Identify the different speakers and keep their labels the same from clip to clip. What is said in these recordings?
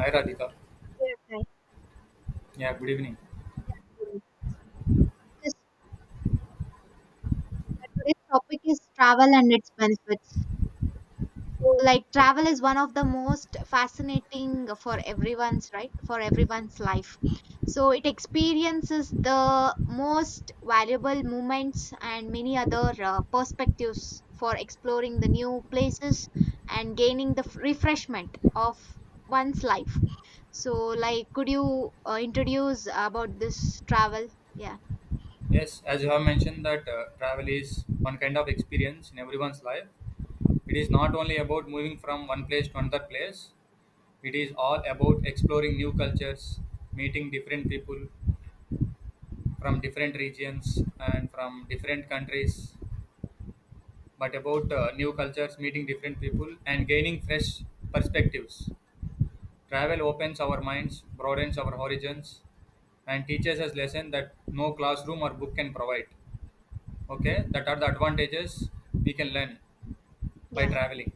Speaker 1: Hi Radhika.
Speaker 2: Yeah, hi.
Speaker 1: Yeah, good evening.
Speaker 2: Because today's topic is travel and its benefits. So, like,
Speaker 1: Oh,
Speaker 2: travel is one of the most fascinating for everyone's right for everyone's life. So, it experiences the most valuable moments and many other perspectives for exploring the new places and gaining the refreshment of one's life. So, like, could you introduce about this travel? Yeah,
Speaker 1: yes, as you have mentioned that travel is one kind of experience in everyone's life. It is not only about moving from one place to another place. It is all about exploring new cultures, meeting different people from different regions and from different countries. But about new cultures, meeting different people and gaining fresh perspectives. Travel opens our minds, broadens our horizons, and teaches us lessons that no classroom or book can provide. Okay, that are the advantages we can learn by
Speaker 2: yeah.
Speaker 1: traveling.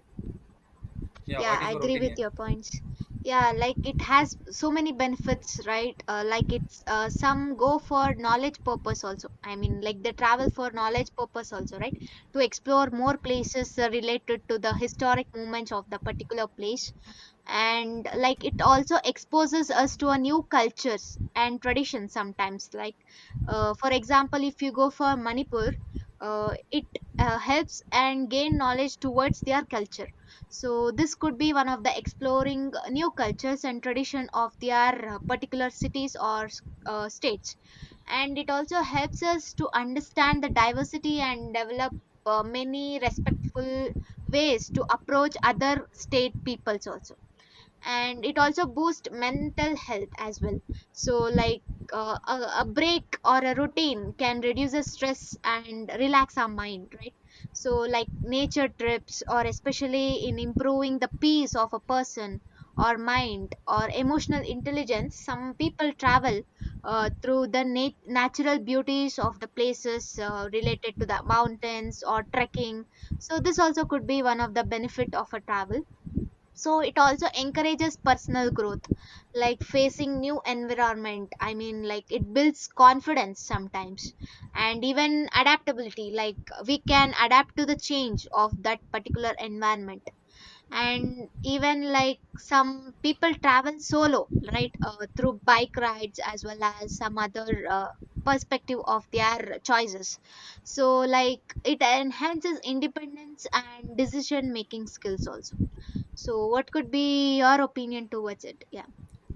Speaker 1: Yeah,
Speaker 2: Yeah,
Speaker 1: what
Speaker 2: I
Speaker 1: is your
Speaker 2: agree with
Speaker 1: opinion?
Speaker 2: your points. Yeah, like it has so many benefits, right? Like it's some go for knowledge purpose also. I mean, like they travel for knowledge purpose also, right? To explore more places related to the historic moments of the particular place, and like it also exposes us to a new cultures and traditions sometimes like for example if you go for Manipur, it helps and gain knowledge towards their culture. So this could be one of the exploring new cultures and tradition of their particular cities or states, and it also helps us to understand the diversity and develop many respectful ways to approach other state peoples also, and it also boosts mental health as well. So like a break or a routine can reduce the stress and relax our mind, right? So like nature trips or especially in improving the peace of a person or mind or emotional intelligence, some people travel through the natural beauties of the places related to the mountains or trekking. So this also could be one of the benefit of a travel. So it also encourages personal growth, like facing new environment. I mean, like it builds confidence sometimes, and even adaptability, like we can adapt to the change of that particular environment. And even like some people travel solo, right? Through bike rides as well as some other perspective of their choices. So like it enhances independence and decision making skills also. So, what could be your opinion towards it? Yeah,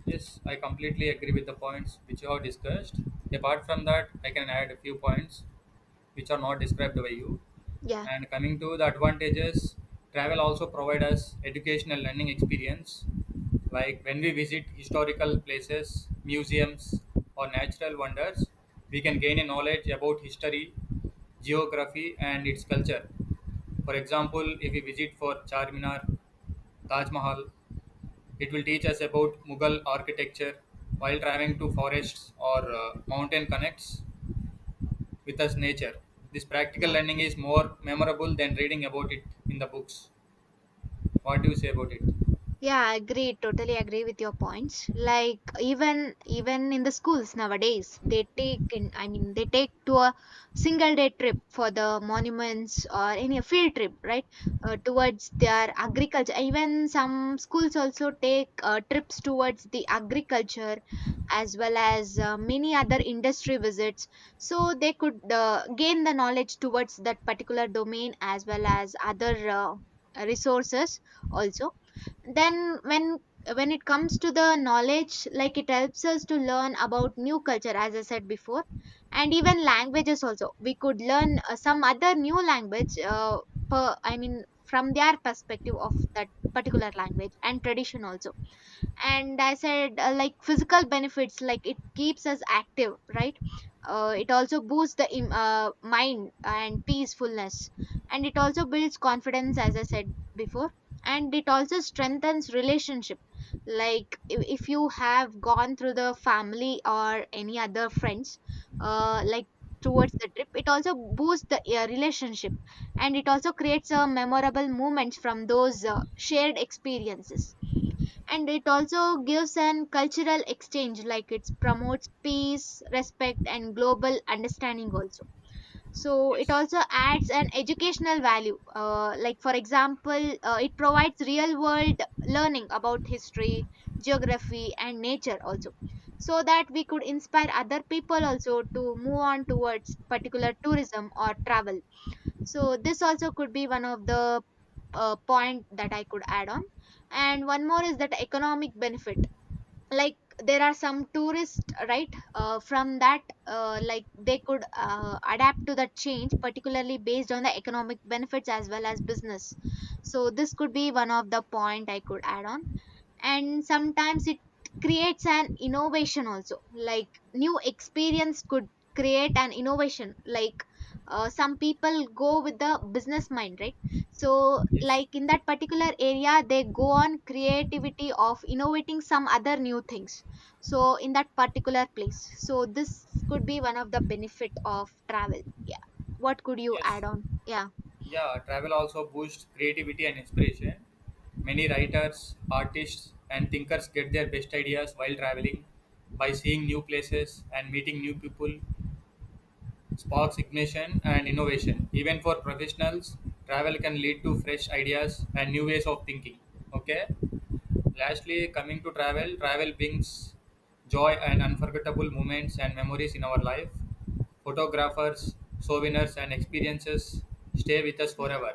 Speaker 1: Yes, I completely agree with the points which you have discussed. Apart from that, I can add a few points which are not described by you.
Speaker 2: yeah,
Speaker 1: And coming to the advantages, travel also provide us educational learning experience. Like when we visit historical places, museums, or natural wonders, we can gain a knowledge about history, geography, and its culture. For example, if we visit for Charminar, Taj Mahal, it will teach us about Mughal architecture while traveling to forests or mountain connects with us nature. This practical
Speaker 2: yeah.
Speaker 1: learning is more memorable than reading about it in the books. What do you say about it?
Speaker 2: Yeah, agreed. Totally agree with your points. Like even in the schools nowadays, they take in, I mean they take to a single day trip for the monuments or any field trip, right? Towards their agriculture. Even some schools also take trips towards the agriculture as well as many other industry visits, so they could gain the knowledge towards that particular domain as well as other resources also. Then when it comes to the knowledge, like it helps us to learn about new culture, as I said before. And even languages also, we could learn some other new language I mean from their perspective of that particular language and tradition also. And I said like physical benefits, like it keeps us active, right? It also boosts the mind and peacefulness, and it also builds confidence as I said before. And it also strengthens relationship. Like if you have gone through the family or any other friends, like towards the trip, it also boosts the relationship, and it also creates a memorable moments from those shared experiences. And it also gives an cultural exchange, like it promotes peace, respect and global understanding also. So it
Speaker 1: Yes,
Speaker 2: also adds an educational value. Like for example, it provides real world learning about history, geography and nature also, so that we could inspire other people also to move on towards particular tourism or travel. So this also could be one of the point that I could add on. And one more is that economic benefit. Like there are some tourists, right? From that like they could adapt to the change particularly based on the economic benefits as well as business. So this could be one of the point I could add on. And sometimes it creates an innovation also, like new experience could create an innovation, like some people go with the business mind, right? So
Speaker 1: yes,
Speaker 2: like in that particular area, they go on creativity of innovating some other new things. So in that particular place, so this could be one of the benefit of travel. Yeah, what could you
Speaker 1: yes.
Speaker 2: add on? Yeah,
Speaker 1: Yeah, travel also boosts creativity and inspiration. Many writers, artists, and thinkers get their best ideas while traveling by seeing new places and meeting new people. Sparks ignition and innovation. Even for professionals, travel can lead to fresh ideas and new ways of thinking. Okay. Lastly, coming to travel, travel brings joy and unforgettable moments and memories in our life. Photographers, souvenirs, and experiences stay with us forever.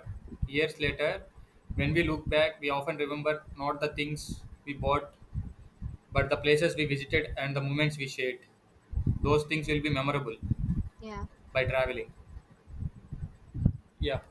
Speaker 1: Years later, when we look back, we often remember not the things we bought, but the places we visited and the moments we shared. Those things will be memorable
Speaker 2: yeah.
Speaker 1: by traveling. Yeah.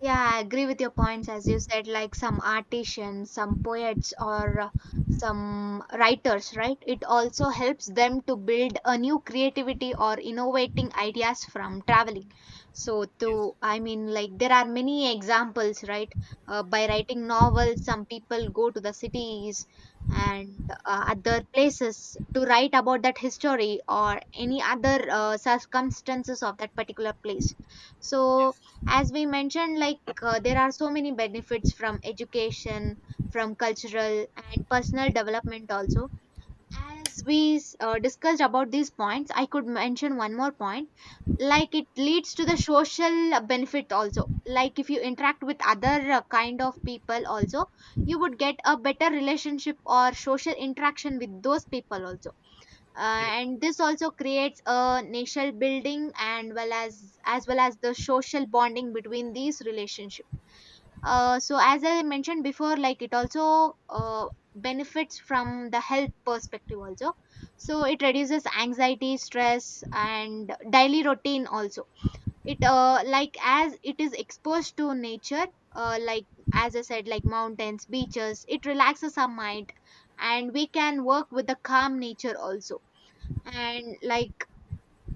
Speaker 2: Yeah, I agree with your points. As you said, like some artisans, some poets, or some writers, right? It also helps them to build a new creativity or innovating ideas from traveling. So,
Speaker 1: Yes,
Speaker 2: to I mean, like there are many examples, right? By writing novels, some people go to the cities and other places to write about that history or any other circumstances of that particular place. So
Speaker 1: yes,
Speaker 2: as we mentioned, like there are so many benefits from education, from cultural and personal development also. As we discussed about these points, I could mention one more point. Like it leads to the social benefit also. Like if you interact with other kind of people also, you would get a better relationship or social interaction with those people also.
Speaker 1: yes,
Speaker 2: And this also creates a nation building and well as well as the social bonding between these relationships. So as I mentioned before, like it also benefits from the health perspective also. So it reduces anxiety, stress and daily routine also. It like as it is exposed to nature, like as I said, like mountains, beaches, it relaxes our mind, and we can work with the calm nature also. And like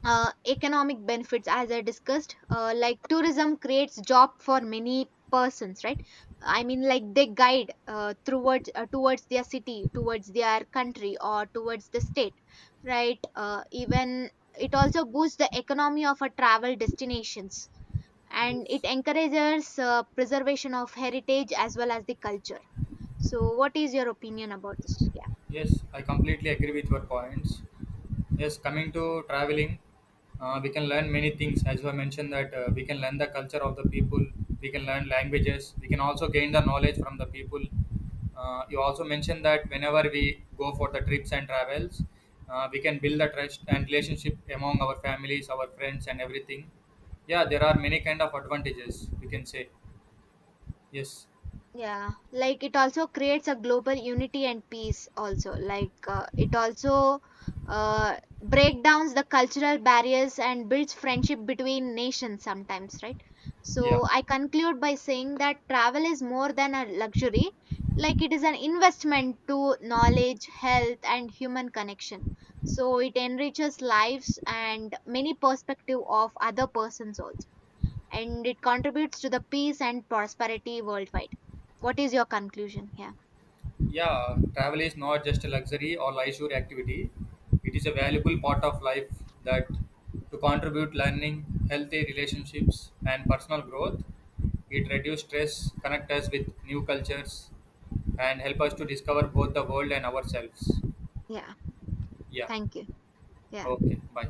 Speaker 2: economic benefits, as I discussed, like tourism creates job for many persons, right? I mean, like they guide towards their city, towards their country or towards the state, right? Even it also boosts the economy of a travel destinations, and it
Speaker 1: yes,
Speaker 2: encourages preservation of heritage as well as the culture. So what is your opinion about this? Yeah.
Speaker 1: yes. I completely agree with your points. Yes, coming to traveling, we can learn many things. As I mentioned, that we can learn the culture of the people, we can learn languages, we can also gain the knowledge from the people. You also mentioned that whenever we go for the trips and travels, we can build the trust and relationship among our families, our friends, and everything. Yeah, there are many kind of advantages. We can say yes.
Speaker 2: Yeah, like it also creates a global unity and peace also. Like it also break downs the cultural barriers and builds friendship between nations sometimes, right?
Speaker 1: Yeah.
Speaker 2: So I conclude by saying that travel is more than a luxury. Like it is an investment to knowledge, health, and human connection. So it enriches lives and many perspective of other persons also, and it contributes to the peace and prosperity worldwide. What is your conclusion here?
Speaker 1: Yeah, travel is not just a luxury or leisure activity. It is a valuable part of life that to contribute learning, healthy relationships and personal growth. It reduces stress, connect us with new cultures and help us to discover both the world and ourselves.
Speaker 2: Yeah.
Speaker 1: Yeah.
Speaker 2: Thank you. Yeah.
Speaker 1: Okay, bye.